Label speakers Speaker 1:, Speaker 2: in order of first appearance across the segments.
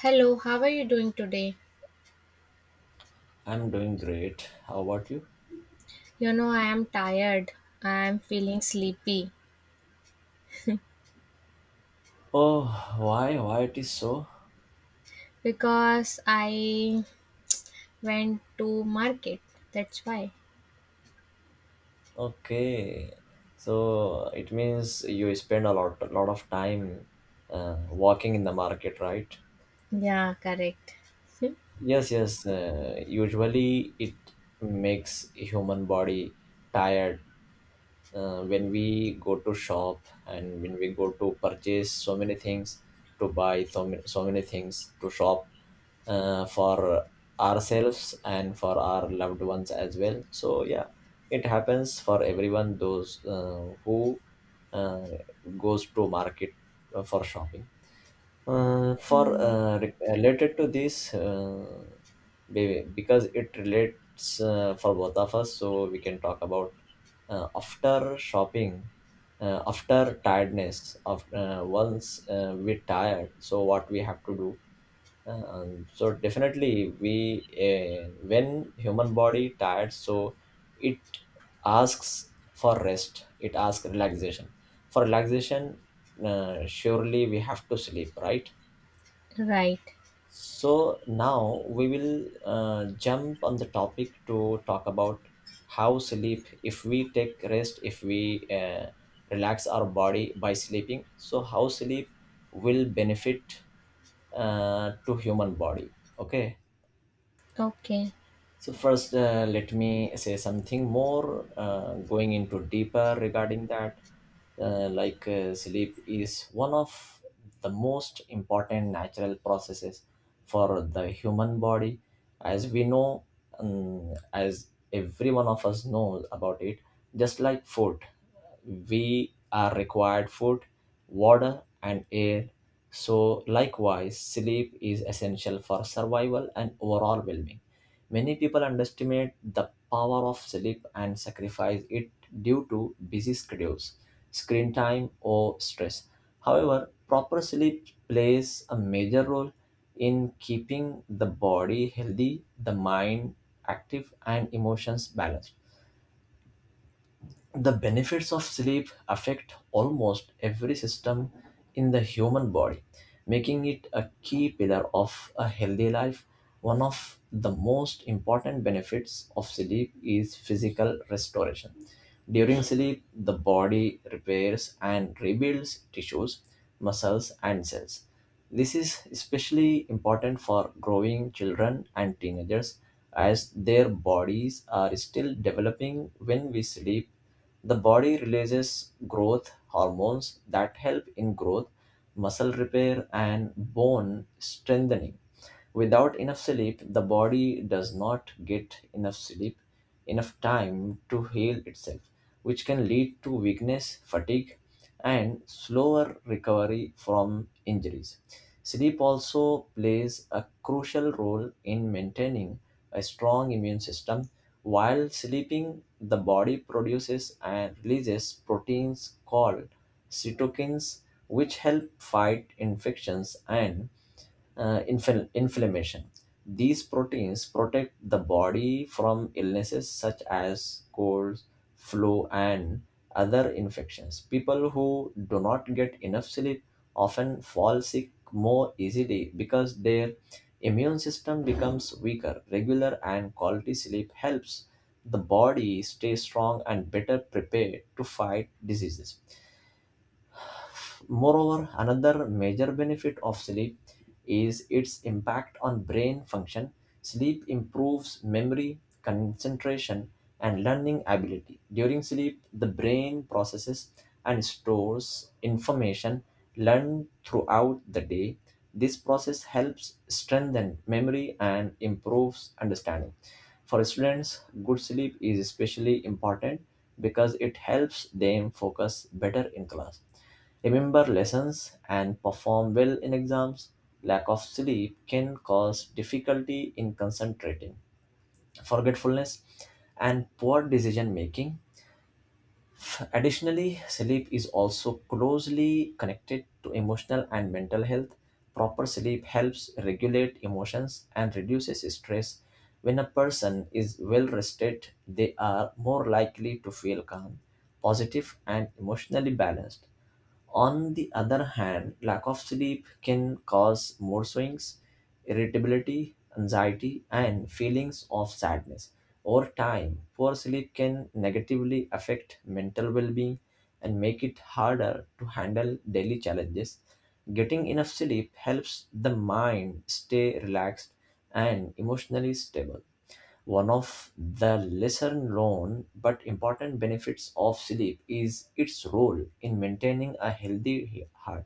Speaker 1: Hello, how are you doing today?
Speaker 2: I'm doing great. How about you?
Speaker 1: You know, I am tired. I am feeling sleepy
Speaker 2: Oh, why? Why it is so?
Speaker 1: because I went to market. That's why.
Speaker 2: Okay, so it means you spend a lot of time walking in the market, right?
Speaker 1: Yeah, correct.
Speaker 2: Yes, yes. Usually it makes human body tired when we go to shop and when we go to purchase so many things to buy so many things to shop for ourselves and for our loved ones as well, so yeah, it happens for everyone, those who uh, goes to market for shopping related to this, because it relates for both of us, so we can talk about after shopping, after tiredness, of once we tired, so what we have to do. So definitely we when human body tired, so it asks for rest, it asks relaxation, for relaxation, surely we have to sleep, right?
Speaker 1: Right.
Speaker 2: So now we will jump on the topic to talk about how sleep, if we take rest, if we relax our body by sleeping, so how sleep will benefit to human body, okay.
Speaker 1: Okay.
Speaker 2: So first, let me say something more going into deeper regarding that. Like sleep is one of the most important natural processes for the human body. As we know, as every one of us knows about it, just like food, we are required food, water, and air. So likewise, sleep is essential for survival and overall well-being. Many people underestimate the power of sleep and sacrifice it due to busy schedules, screen time, or stress. However, proper sleep plays a major role in keeping the body healthy, the mind active, and emotions balanced. The benefits of sleep affect almost every system in the human body, making it a key pillar of a healthy life. One of the most important benefits of sleep is physical restoration. During sleep, the body repairs and rebuilds tissues, muscles, and cells. This is especially important for growing children and teenagers as their bodies are still developing. When we sleep, the body releases growth hormones that help in growth, muscle repair, and bone strengthening. Without enough sleep, the body does not get enough sleep, enough time to heal itself, which can lead to weakness, fatigue, and slower recovery from injuries. Sleep also plays a crucial role in maintaining a strong immune system. While sleeping, the body produces and releases proteins called cytokines, which help fight infections and inflammation. These proteins protect the body from illnesses such as colds, flu, and other infections. People who do not get enough sleep often fall sick more easily because their immune system becomes weaker. Regular and quality sleep helps the body stay strong and better prepared to fight diseases. Moreover, another major benefit of sleep is its impact on brain function. Sleep improves memory, concentration, and learning ability. During sleep, the brain processes and stores information learned throughout the day. This process helps strengthen memory and improves understanding. For students, good sleep is especially important because it helps them focus better in class, remember lessons, and perform well in exams. Lack of sleep can cause difficulty in concentrating, forgetfulness, and poor decision making. Additionally, sleep is also closely connected to emotional and mental health. Proper sleep helps regulate emotions and reduces stress. When a person is well rested, they are more likely to feel calm, positive, and emotionally balanced. On the other hand, lack of sleep can cause mood swings, irritability, anxiety, and feelings of sadness. Over time, poor sleep can negatively affect mental well being and make it harder to handle daily challenges. Getting enough sleep helps the mind stay relaxed and emotionally stable. One of the lesser known but important benefits of sleep is its role in maintaining a healthy heart.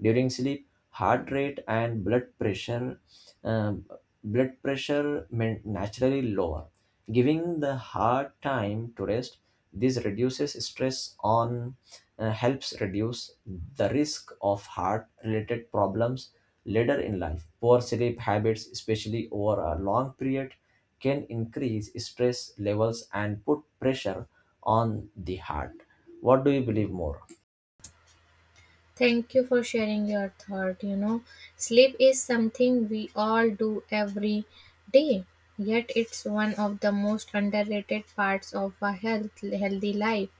Speaker 2: During sleep, heart rate and blood pressure, um, blood pressure may naturally lower, giving the heart time to rest. This reduces stress on, helps reduce the risk of heart related problems later in life. Poor sleep habits, especially over a long period, can increase stress levels and put pressure on the heart. What do you believe more?
Speaker 1: Thank you for sharing your thought. You know, sleep is something we all do every day, yet it's one of the most underrated parts of a healthy life.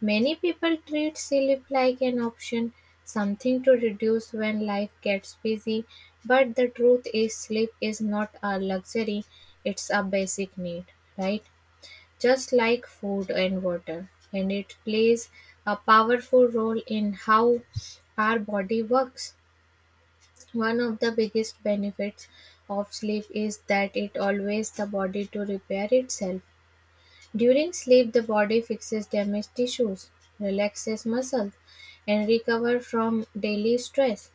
Speaker 1: Many people treat sleep like an option, something to reduce when life gets busy, but the truth is, sleep is not a luxury, it's a basic need, right? Just like food and water, and it plays a powerful role in how our body works. One of the biggest benefits of sleep is that it allows the body to repair itself. During sleep, the body fixes damaged tissues, relaxes muscles, and recovers from daily stress.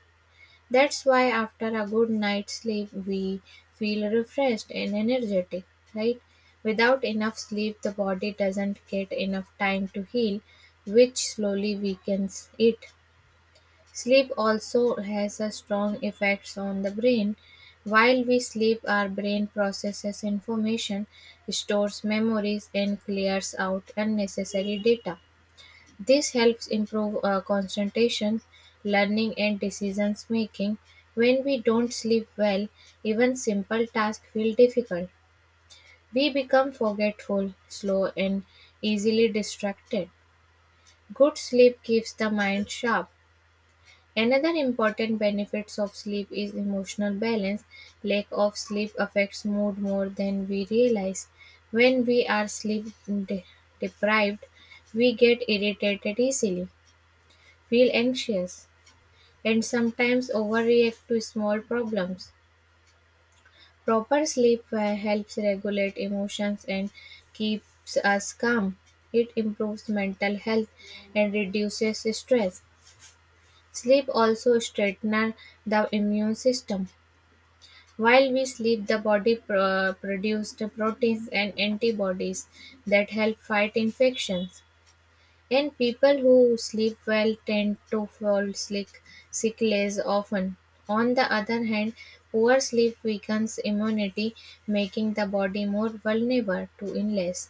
Speaker 1: That's why after a good night's sleep we feel refreshed and energetic, right? Without enough sleep, the body doesn't get enough time to heal, which slowly weakens it. Sleep also has a strong effects on the brain. While we sleep, our brain processes information, stores memories, and clears out unnecessary data. This helps improve concentration, learning, and decision making. When we don't sleep well, even simple tasks feel difficult. We become forgetful, slow, and easily distracted. Good sleep keeps the mind sharp. Another important benefits of sleep is emotional balance. Lack of sleep affects mood more than we realize. When we are deprived, we get irritated easily, feel anxious, and sometimes overreact to small problems. Proper sleep helps regulate emotions and keeps us calm. It improves mental health and reduces stress. Sleep also strengthens the immune system. While we sleep, the body produces proteins and antibodies that help fight infections. And people who sleep well tend to fall sick less often. On the other hand, poor sleep weakens immunity, making the body more vulnerable to illness.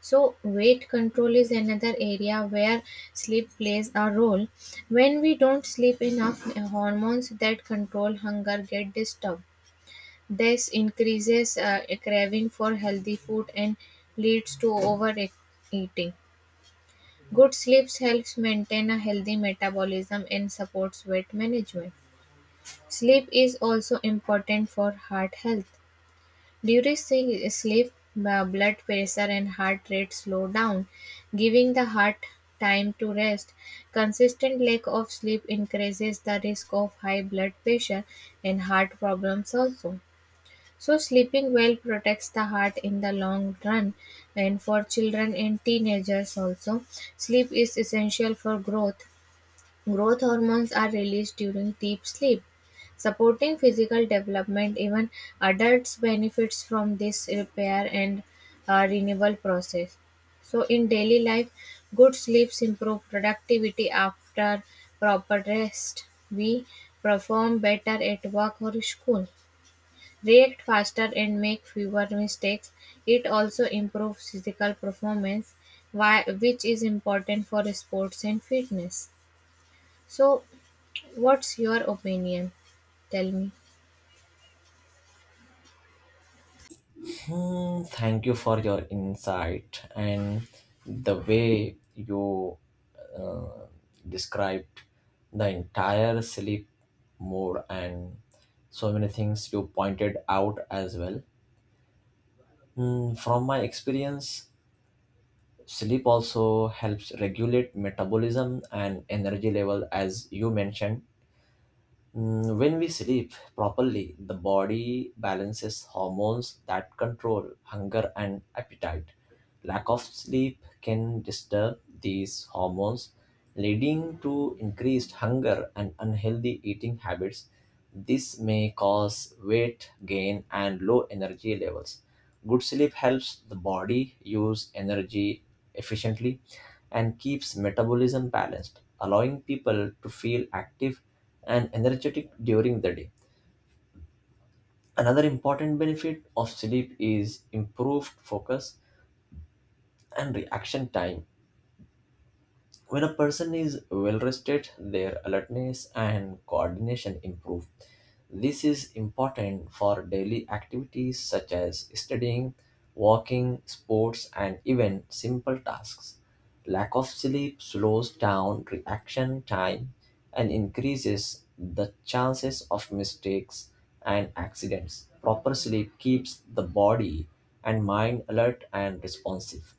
Speaker 1: So, weight control is another area where sleep plays a role. When we don't sleep enough, hormones that control hunger get disturbed. This increases a craving for healthy food and leads to overeating. Good sleep helps maintain a healthy metabolism and supports weight management. Sleep is also important for heart health. During sleep, blood pressure and heart rate slow down, giving the heart time to rest. Consistent lack of sleep increases the risk of high blood pressure and heart problems also. So sleeping well protects the heart in the long run. And for children and teenagers also, sleep is essential for growth. Growth hormones are released during deep sleep, supporting physical development. Even adults benefits from this repair and renewal process. So in daily life, good sleeps improve productivity after proper rest. We perform better at work or school, react faster and make fewer mistakes. It also improves physical performance, which is important for sports and fitness. So, what's your opinion? Tell me.
Speaker 2: Hmm, thank you for your insight and the way you uh, described the entire sleep mode and so many things you pointed out as well. Hmm, from my experience, sleep also helps regulate metabolism and energy level, as you mentioned. Mm, when we sleep properly, the body balances hormones that control hunger and appetite. Lack of sleep can disturb these hormones, leading to increased hunger and unhealthy eating habits. This may cause weight gain and low energy levels. Good sleep helps the body use energy efficiently and keeps metabolism balanced, allowing people to feel active and energetic during the day. Another important benefit of sleep is improved focus and reaction time. When a person is well rested, their alertness and coordination improve. This is important for daily activities such as studying, walking, sports, and even simple tasks. Lack of sleep slows down reaction time and increases the chances of mistakes and accidents. Proper sleep keeps the body and mind alert and responsive.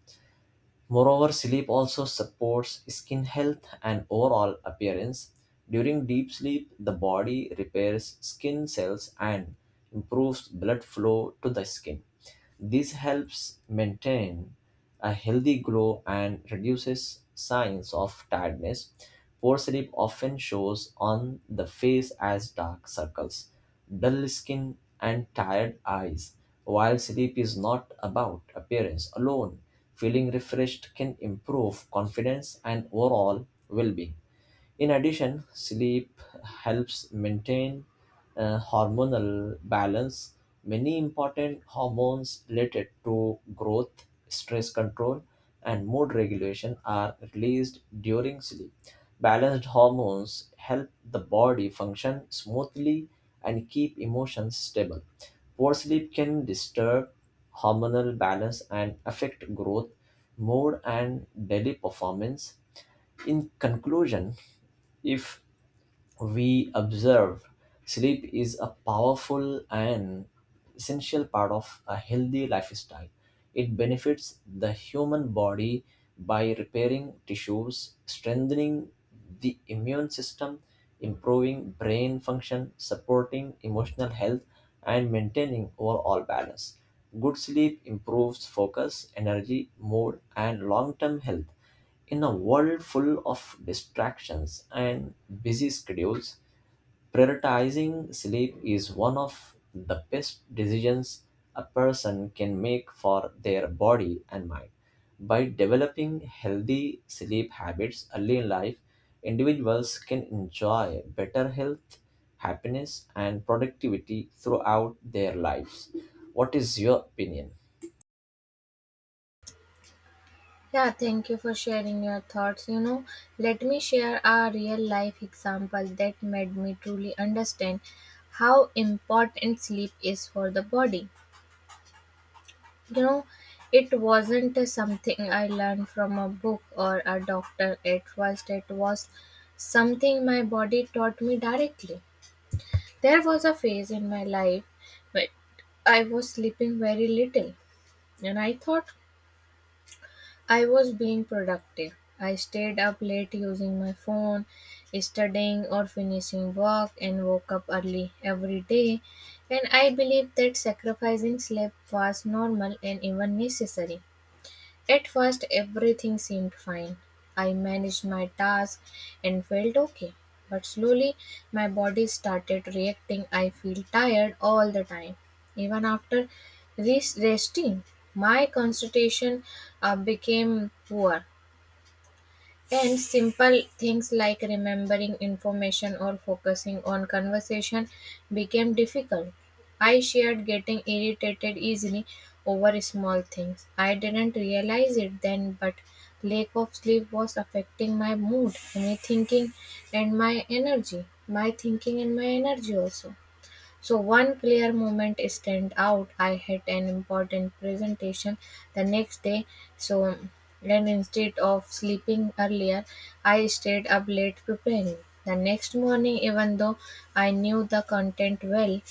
Speaker 2: Moreover, sleep also supports skin health and overall appearance. During deep sleep, the body repairs skin cells and improves blood flow to the skin. This helps maintain a healthy glow and reduces signs of tiredness. Poor sleep often shows on the face as dark circles, dull skin, and tired eyes. While sleep is not about appearance alone, feeling refreshed can improve confidence and overall well being. In addition, sleep helps maintain hormonal balance. Many important hormones related to growth, stress control, and mood regulation are released during sleep. Balanced hormones help the body function smoothly and keep emotions stable. Poor sleep can disturb hormonal balance and affect growth, mood, and daily performance. In conclusion, if we observe, sleep is a powerful and essential part of a healthy lifestyle. It benefits the human body by repairing tissues, strengthening the immune system, improving brain function, supporting emotional health, and maintaining overall balance. Good sleep improves focus, energy, mood, and long term health. In a world full of distractions and busy schedules, prioritizing sleep is one of the best decisions a person can make for their body and mind. By developing healthy sleep habits early in life, individuals can enjoy better health, happiness, and productivity throughout their lives. What is your opinion?
Speaker 1: Yeah, thank you for sharing your thoughts. You know, let me share a real life example that made me truly understand how important sleep is for the body. You know, it wasn't something I learned from a book or a doctor at first, it was something my body taught me directly. There was a phase in my life when I was sleeping very little and I thought I was being productive. I stayed up late using my phone, studying or finishing work, and woke up early every day. And I believed that sacrificing sleep was normal and even necessary. At first, everything seemed fine. I managed my task and felt okay. But slowly, my body started reacting. I feel tired all the time. Even after this resting, my concentration became poor. And simple things like remembering information or focusing on conversation became difficult. I shared getting irritated easily over small things. I didn't realize it then, but lack of sleep was affecting my mood, my thinking, and my energy. My thinking and my energy also. So one clear moment stand out. I had an important presentation the next day, so and instead of sleeping earlier, I stayed up late preparing. The next morning, even though I knew the content well,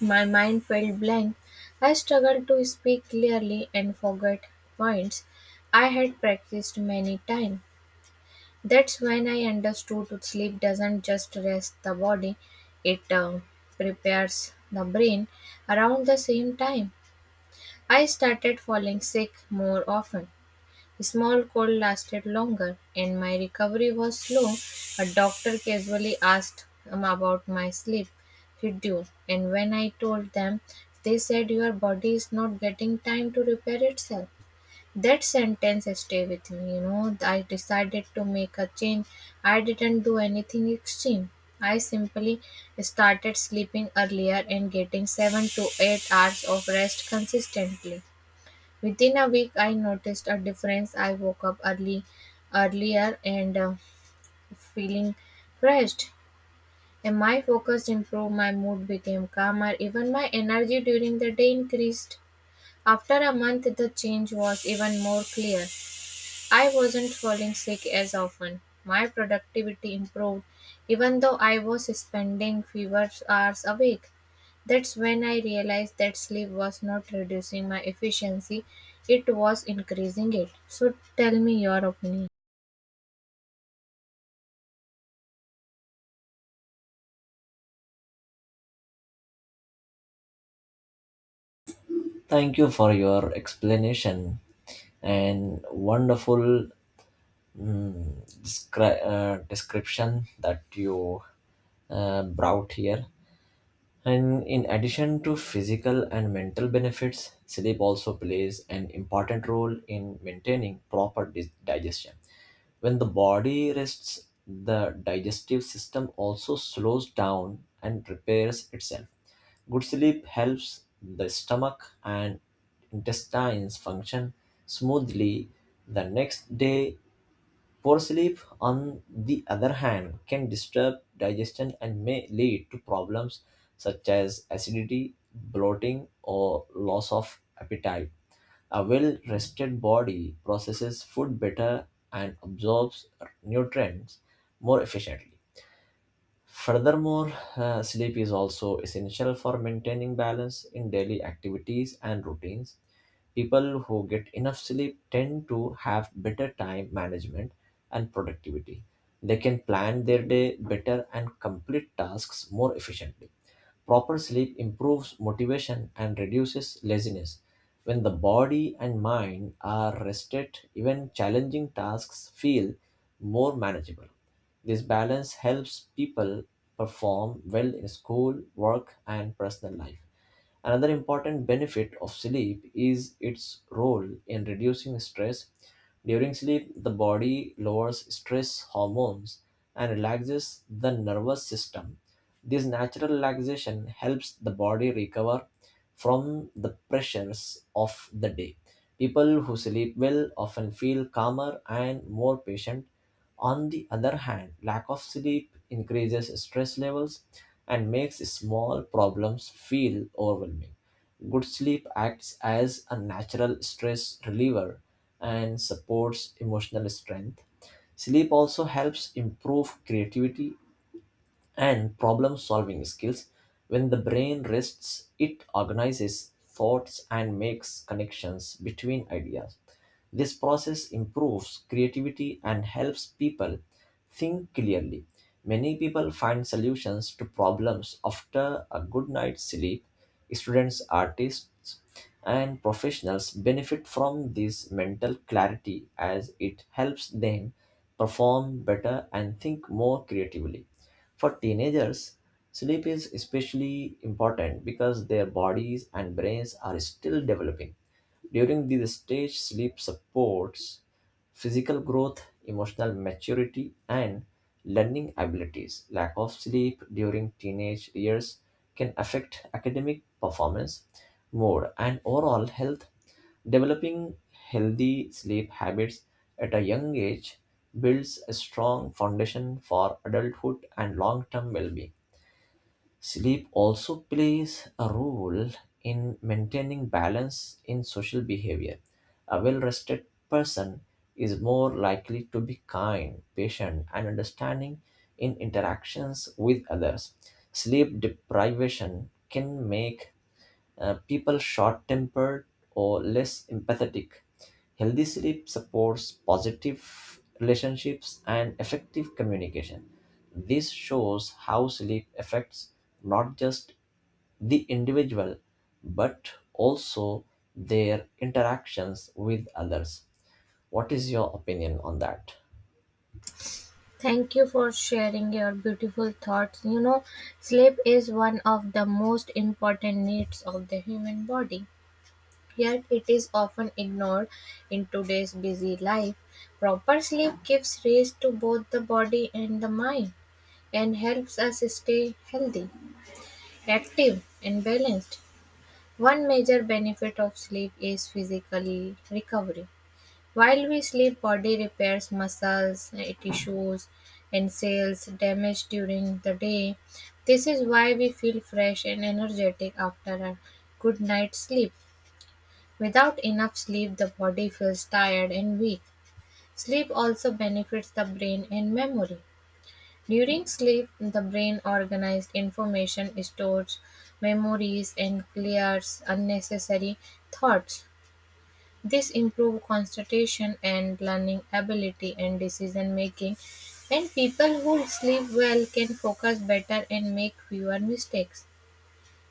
Speaker 1: my mind felt blank. I struggled to speak clearly and forgot points I had practiced many times. That's when I understood sleep doesn't just rest the body, it prepares the brain. Around the same time, I started falling sick more often. Small cold lasted longer and my recovery was slow. A doctor casually asked about my sleep schedule, and when I told them, they said your body is not getting time to repair itself. That sentence stay with me, you know. I decided to make a change. I didn't do anything extreme. I simply started sleeping earlier and getting 7 to 8 hours of rest consistently. Within a week I noticed a difference. I woke up early earlier and feeling refreshed and my focus improved, my mood became calmer, even my energy during the day increased. After a month, the change was even more clear. I wasn't falling sick as often. My productivity improved, even though I was spending fewer hours awake. That's when I realized that sleep was not reducing my efficiency, it was increasing it. So tell me your opinion.
Speaker 2: Thank you for your explanation and wonderful mm, description that you brought here. And in addition to physical and mental benefits, sleep also plays an important role in maintaining proper digestion. When the body rests, the digestive system also slows down and repairs itself. Good sleep helps the stomach and intestines function smoothly the next day. Poor sleep, on the other hand, can disturb digestion and may lead to problems such as acidity, bloating, or loss of appetite. A well rested body processes food better and absorbs nutrients more efficiently. Furthermore, sleep is also essential for maintaining balance in daily activities and routines. People who get enough sleep tend to have better time management and productivity. They can plan their day better and complete tasks more efficiently. Proper sleep improves motivation and reduces laziness. When the body and mind are rested, even challenging tasks feel more manageable. This balance helps people perform well in school, work, and personal life. Another important benefit of sleep is its role in reducing stress. During sleep, the body lowers stress hormones and relaxes the nervous system. This natural relaxation helps the body recover from the pressures of the day. People who sleep well often feel calmer and more patient. On the other hand, lack of sleep increases stress levels and makes small problems feel overwhelming. Good sleep acts as a natural stress reliever and supports emotional strength. Sleep also helps improve creativity and problem solving skills. When the brain rests, it organizes thoughts and makes connections between ideas. This process improves creativity and helps people think clearly. Many people find solutions to problems after a good night's sleep. Students, artists, and professionals benefit from this mental clarity as it helps them perform better and think more creatively. For teenagers, sleep is especially important because their bodies and brains are still developing. During this stage, sleep supports physical growth, emotional maturity, and learning abilities. Lack of sleep during teenage years can affect academic performance, mood, and overall health. Developing healthy sleep habits at a young age builds a strong foundation for adulthood and long term well being. Sleep also plays a role in maintaining balance in social behavior. A well rested person is more likely to be kind, patient, and understanding in interactions with others. Sleep deprivation can make people short tempered or less empathetic. Healthy sleep supports positive relationships and effective communication. This shows how sleep affects not just the individual but also their interactions with others. What is your opinion on that?
Speaker 1: Thank you for sharing your beautiful thoughts. You know, sleep is one of the most important needs of the human body. Yet it is often ignored in today's busy life. Proper sleep gives rest to both the body and the mind and helps us stay healthy, active, and balanced. One major benefit of sleep is physical recovery. While we sleep, body repairs tissues, and cells damaged during the day. This is why we feel fresh and energetic after a good night's sleep. Without enough sleep, the body feels tired and weak. Sleep also benefits the brain and memory. During sleep, the brain organizes information, stores memories, and clears unnecessary thoughts. This improves concentration and learning ability and decision making. And people who sleep well can focus better and make fewer mistakes.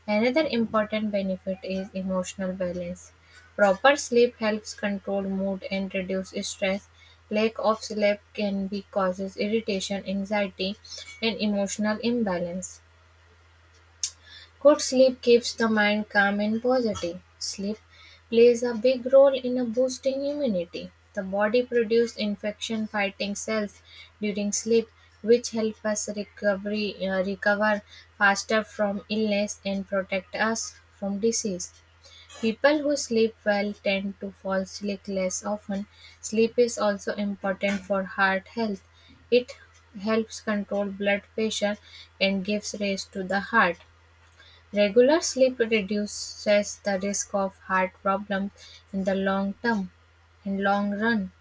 Speaker 1: Another important benefit is emotional balance. Proper sleep helps control mood and reduce stress. Lack of sleep can be causes irritation, anxiety, and emotional imbalance. Good sleep keeps the mind calm and positive. Sleep plays a big role in a boosting immunity. The body produces infection fighting cells during sleep, which help us recover faster from illness and protect us from disease. People who sleep well tend to fall sick less often. Sleep is also important for heart health. It helps control blood pressure and gives rest to the heart. Regular sleep reduces the risk of heart problems in the long term. In long run.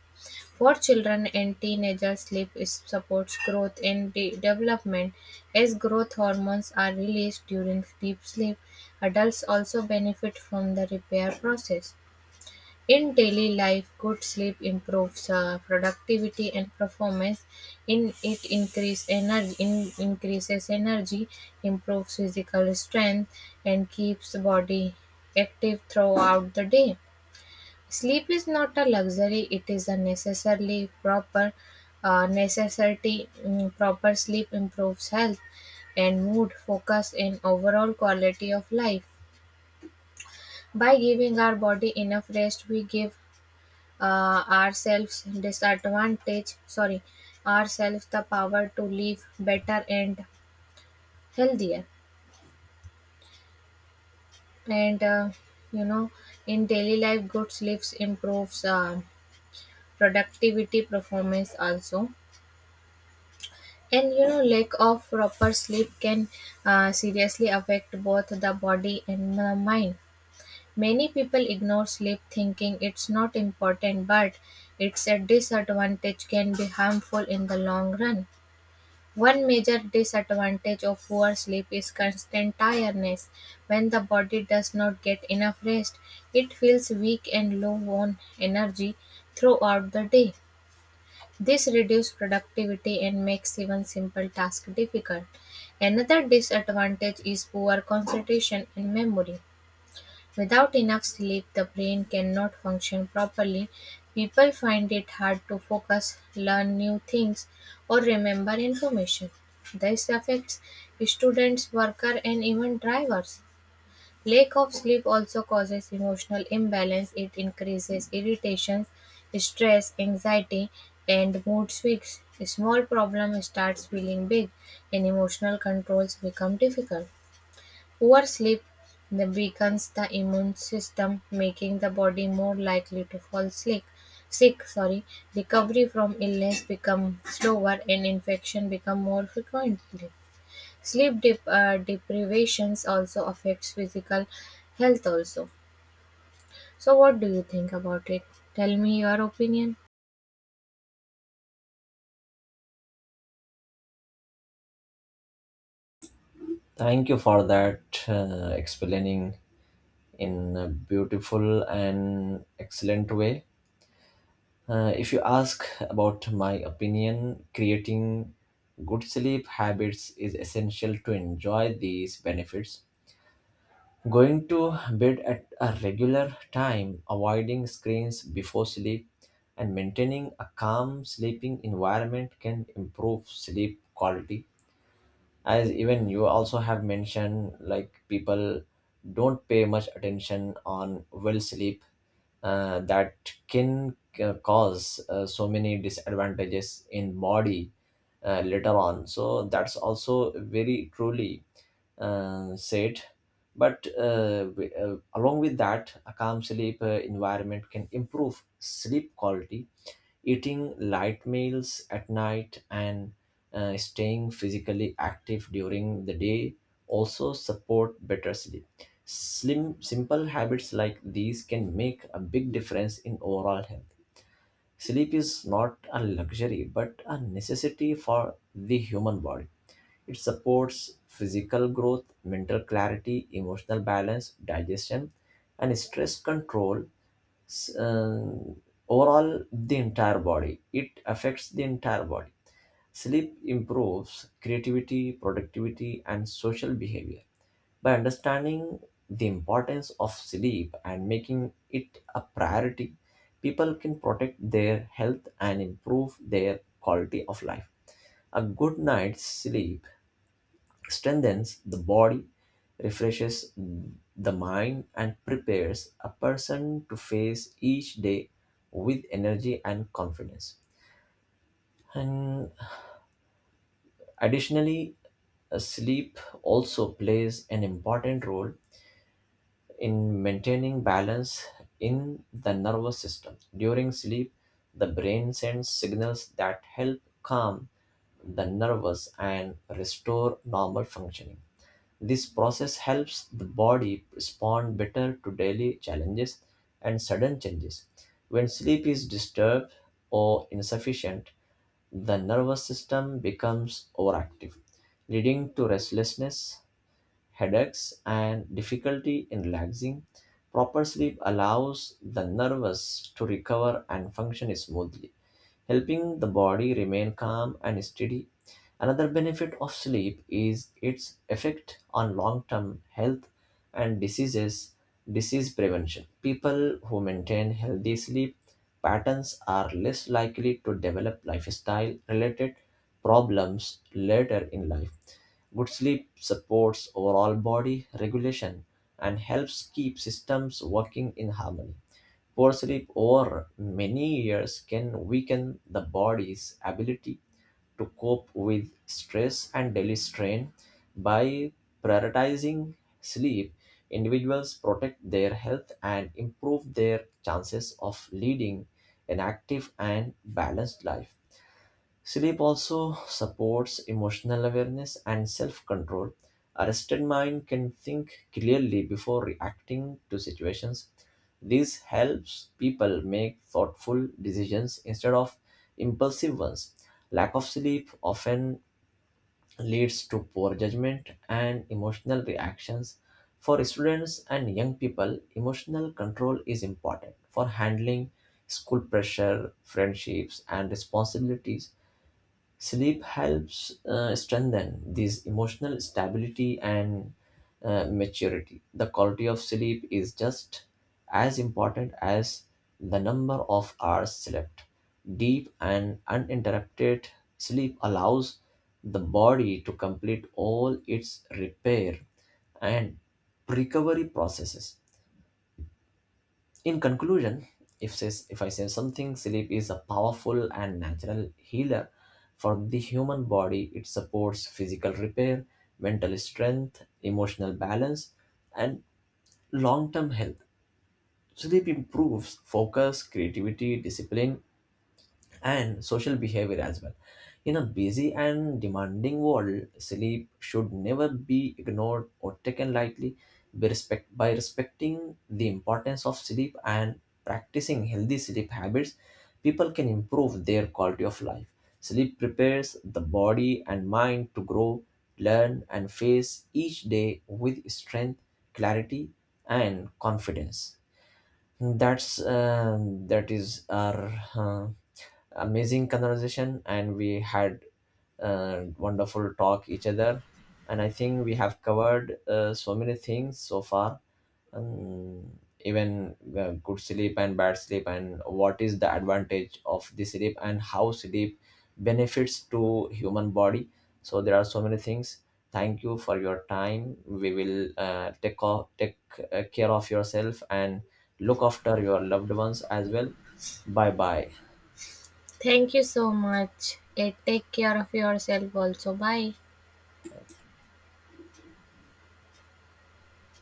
Speaker 1: For children and teenagers, sleep is supports growth and development. As growth hormones are released during deep sleep, adults also benefit from the repair process. In daily life, good sleep improves productivity and performance. In it increase energy, in increases energy, improves physical strength, and keeps body active throughout the day. Sleep is not a luxury; it is a necessarily proper necessity. Proper sleep improves health and mood, focus, and overall quality of life. By giving our body enough rest, we give ourselves disadvantage sorry ourselves the power to live better and healthier. And you know, in daily life good sleeps improves productivity performance also. And you know, lack of proper sleep can seriously affect both the body and the mind. Many people ignore sleep thinking it's not important, but its a disadvantage can be harmful in the long run. One major disadvantage of poor sleep is constant tiredness. When the body does not get enough rest, it feels weak and low on energy throughout the day. This reduces productivity and makes even simple tasks difficult. Another disadvantage is poor concentration and memory. Without enough sleep, the brain cannot function properly. People find it hard to focus, learn new things, or remember information. This affects students, workers, and even drivers. Lack of sleep also causes emotional imbalance. It increases irritation, stress, anxiety, and mood swings. A small problem starts feeling big, and emotional controls become difficult. Poor sleep weakens the immune system, making the body more likely to fall sick. Sick, sorry. Recovery from illness become slower and infection become more frequently. Sleep deprivations also affects physical health also. So what do you think about it? Tell me your opinion.
Speaker 2: Thank you for that explaining in a beautiful and excellent way. If you ask about my opinion, creating good sleep habits is essential to enjoy these benefits. Going to bed at a regular time, avoiding screens before sleep, and maintaining a calm sleeping environment can improve sleep quality, as even you also have mentioned, like people don't pay much attention on well sleep, that can cause so many disadvantages in body later on. So that's also very truly said. But along with that, a calm sleep environment can improve sleep quality. Eating light meals at night and staying physically active during the day also support better sleep. Slim Simple habits like these can make a big difference in overall health. Sleep is not a luxury but a necessity for the human body. It supports physical growth, mental clarity, emotional balance, digestion, and stress control. s- um, Overall, the entire body it affects the entire body. Sleep improves creativity, productivity, and social behavior. By understanding the importance of sleep and making it a priority, people can protect their health and improve their quality of life. A good night's sleep strengthens the body, refreshes the mind, and prepares a person to face each day with energy and confidence. And additionally, sleep also plays an important role in maintaining balance in the nervous system. During sleep, the brain sends signals that help calm the nervous and restore normal functioning. This process helps the body respond better to daily challenges and sudden changes. When sleep is disturbed or insufficient, the nervous system becomes overactive, leading to restlessness, headaches, and difficulty in relaxing. Proper sleep allows the nervous to recover and function smoothly, helping the body remain calm and steady. Another benefit of sleep is its effect on long term health and disease prevention. People who maintain healthy sleep patterns are less likely to develop lifestyle related problems later in life. Good sleep supports overall body regulation and helps keep systems working in harmony. Poor sleep over many years can weaken the body's ability to cope with stress and daily strain. By prioritizing sleep, individuals protect their health and improve their chances of leading an active and balanced life. Sleep also supports emotional awareness and self control. A rested mind can think clearly before reacting to situations. This helps people make thoughtful decisions instead of impulsive ones. Lack of sleep often leads to poor judgment and emotional reactions. For students and young people, emotional control is important for handling school pressure, friendships, and responsibilities. Sleep helps strengthen this emotional stability and maturity. The quality of sleep is just as important as the number of hours slept. Deep and uninterrupted sleep allows the body to complete all its repair and recovery processes. In conclusion, if I say something, sleep is a powerful and natural healer for the human body. It supports physical repair, mental strength, emotional balance, and long term health. Sleep improves focus, creativity, discipline, and social behavior as well. In a busy and demanding world, sleep should never be ignored or taken lightly. By respecting the importance of sleep and practicing healthy sleep habits, people can improve their quality of life. Sleep prepares the body and mind to grow, learn, and face each day with strength, clarity, and confidence. That's uh, that is our amazing conversation, and we had wonderful talk each other, and I think we have covered so many things so far, um, even good sleep and bad sleep, and what is the advantage of the sleep and how sleep benefits to human body. So there are so many things. Thank you for your time. We will take care of yourself and look after your loved ones as well. Bye bye.
Speaker 1: Thank you so much. Take care of yourself also. Bye.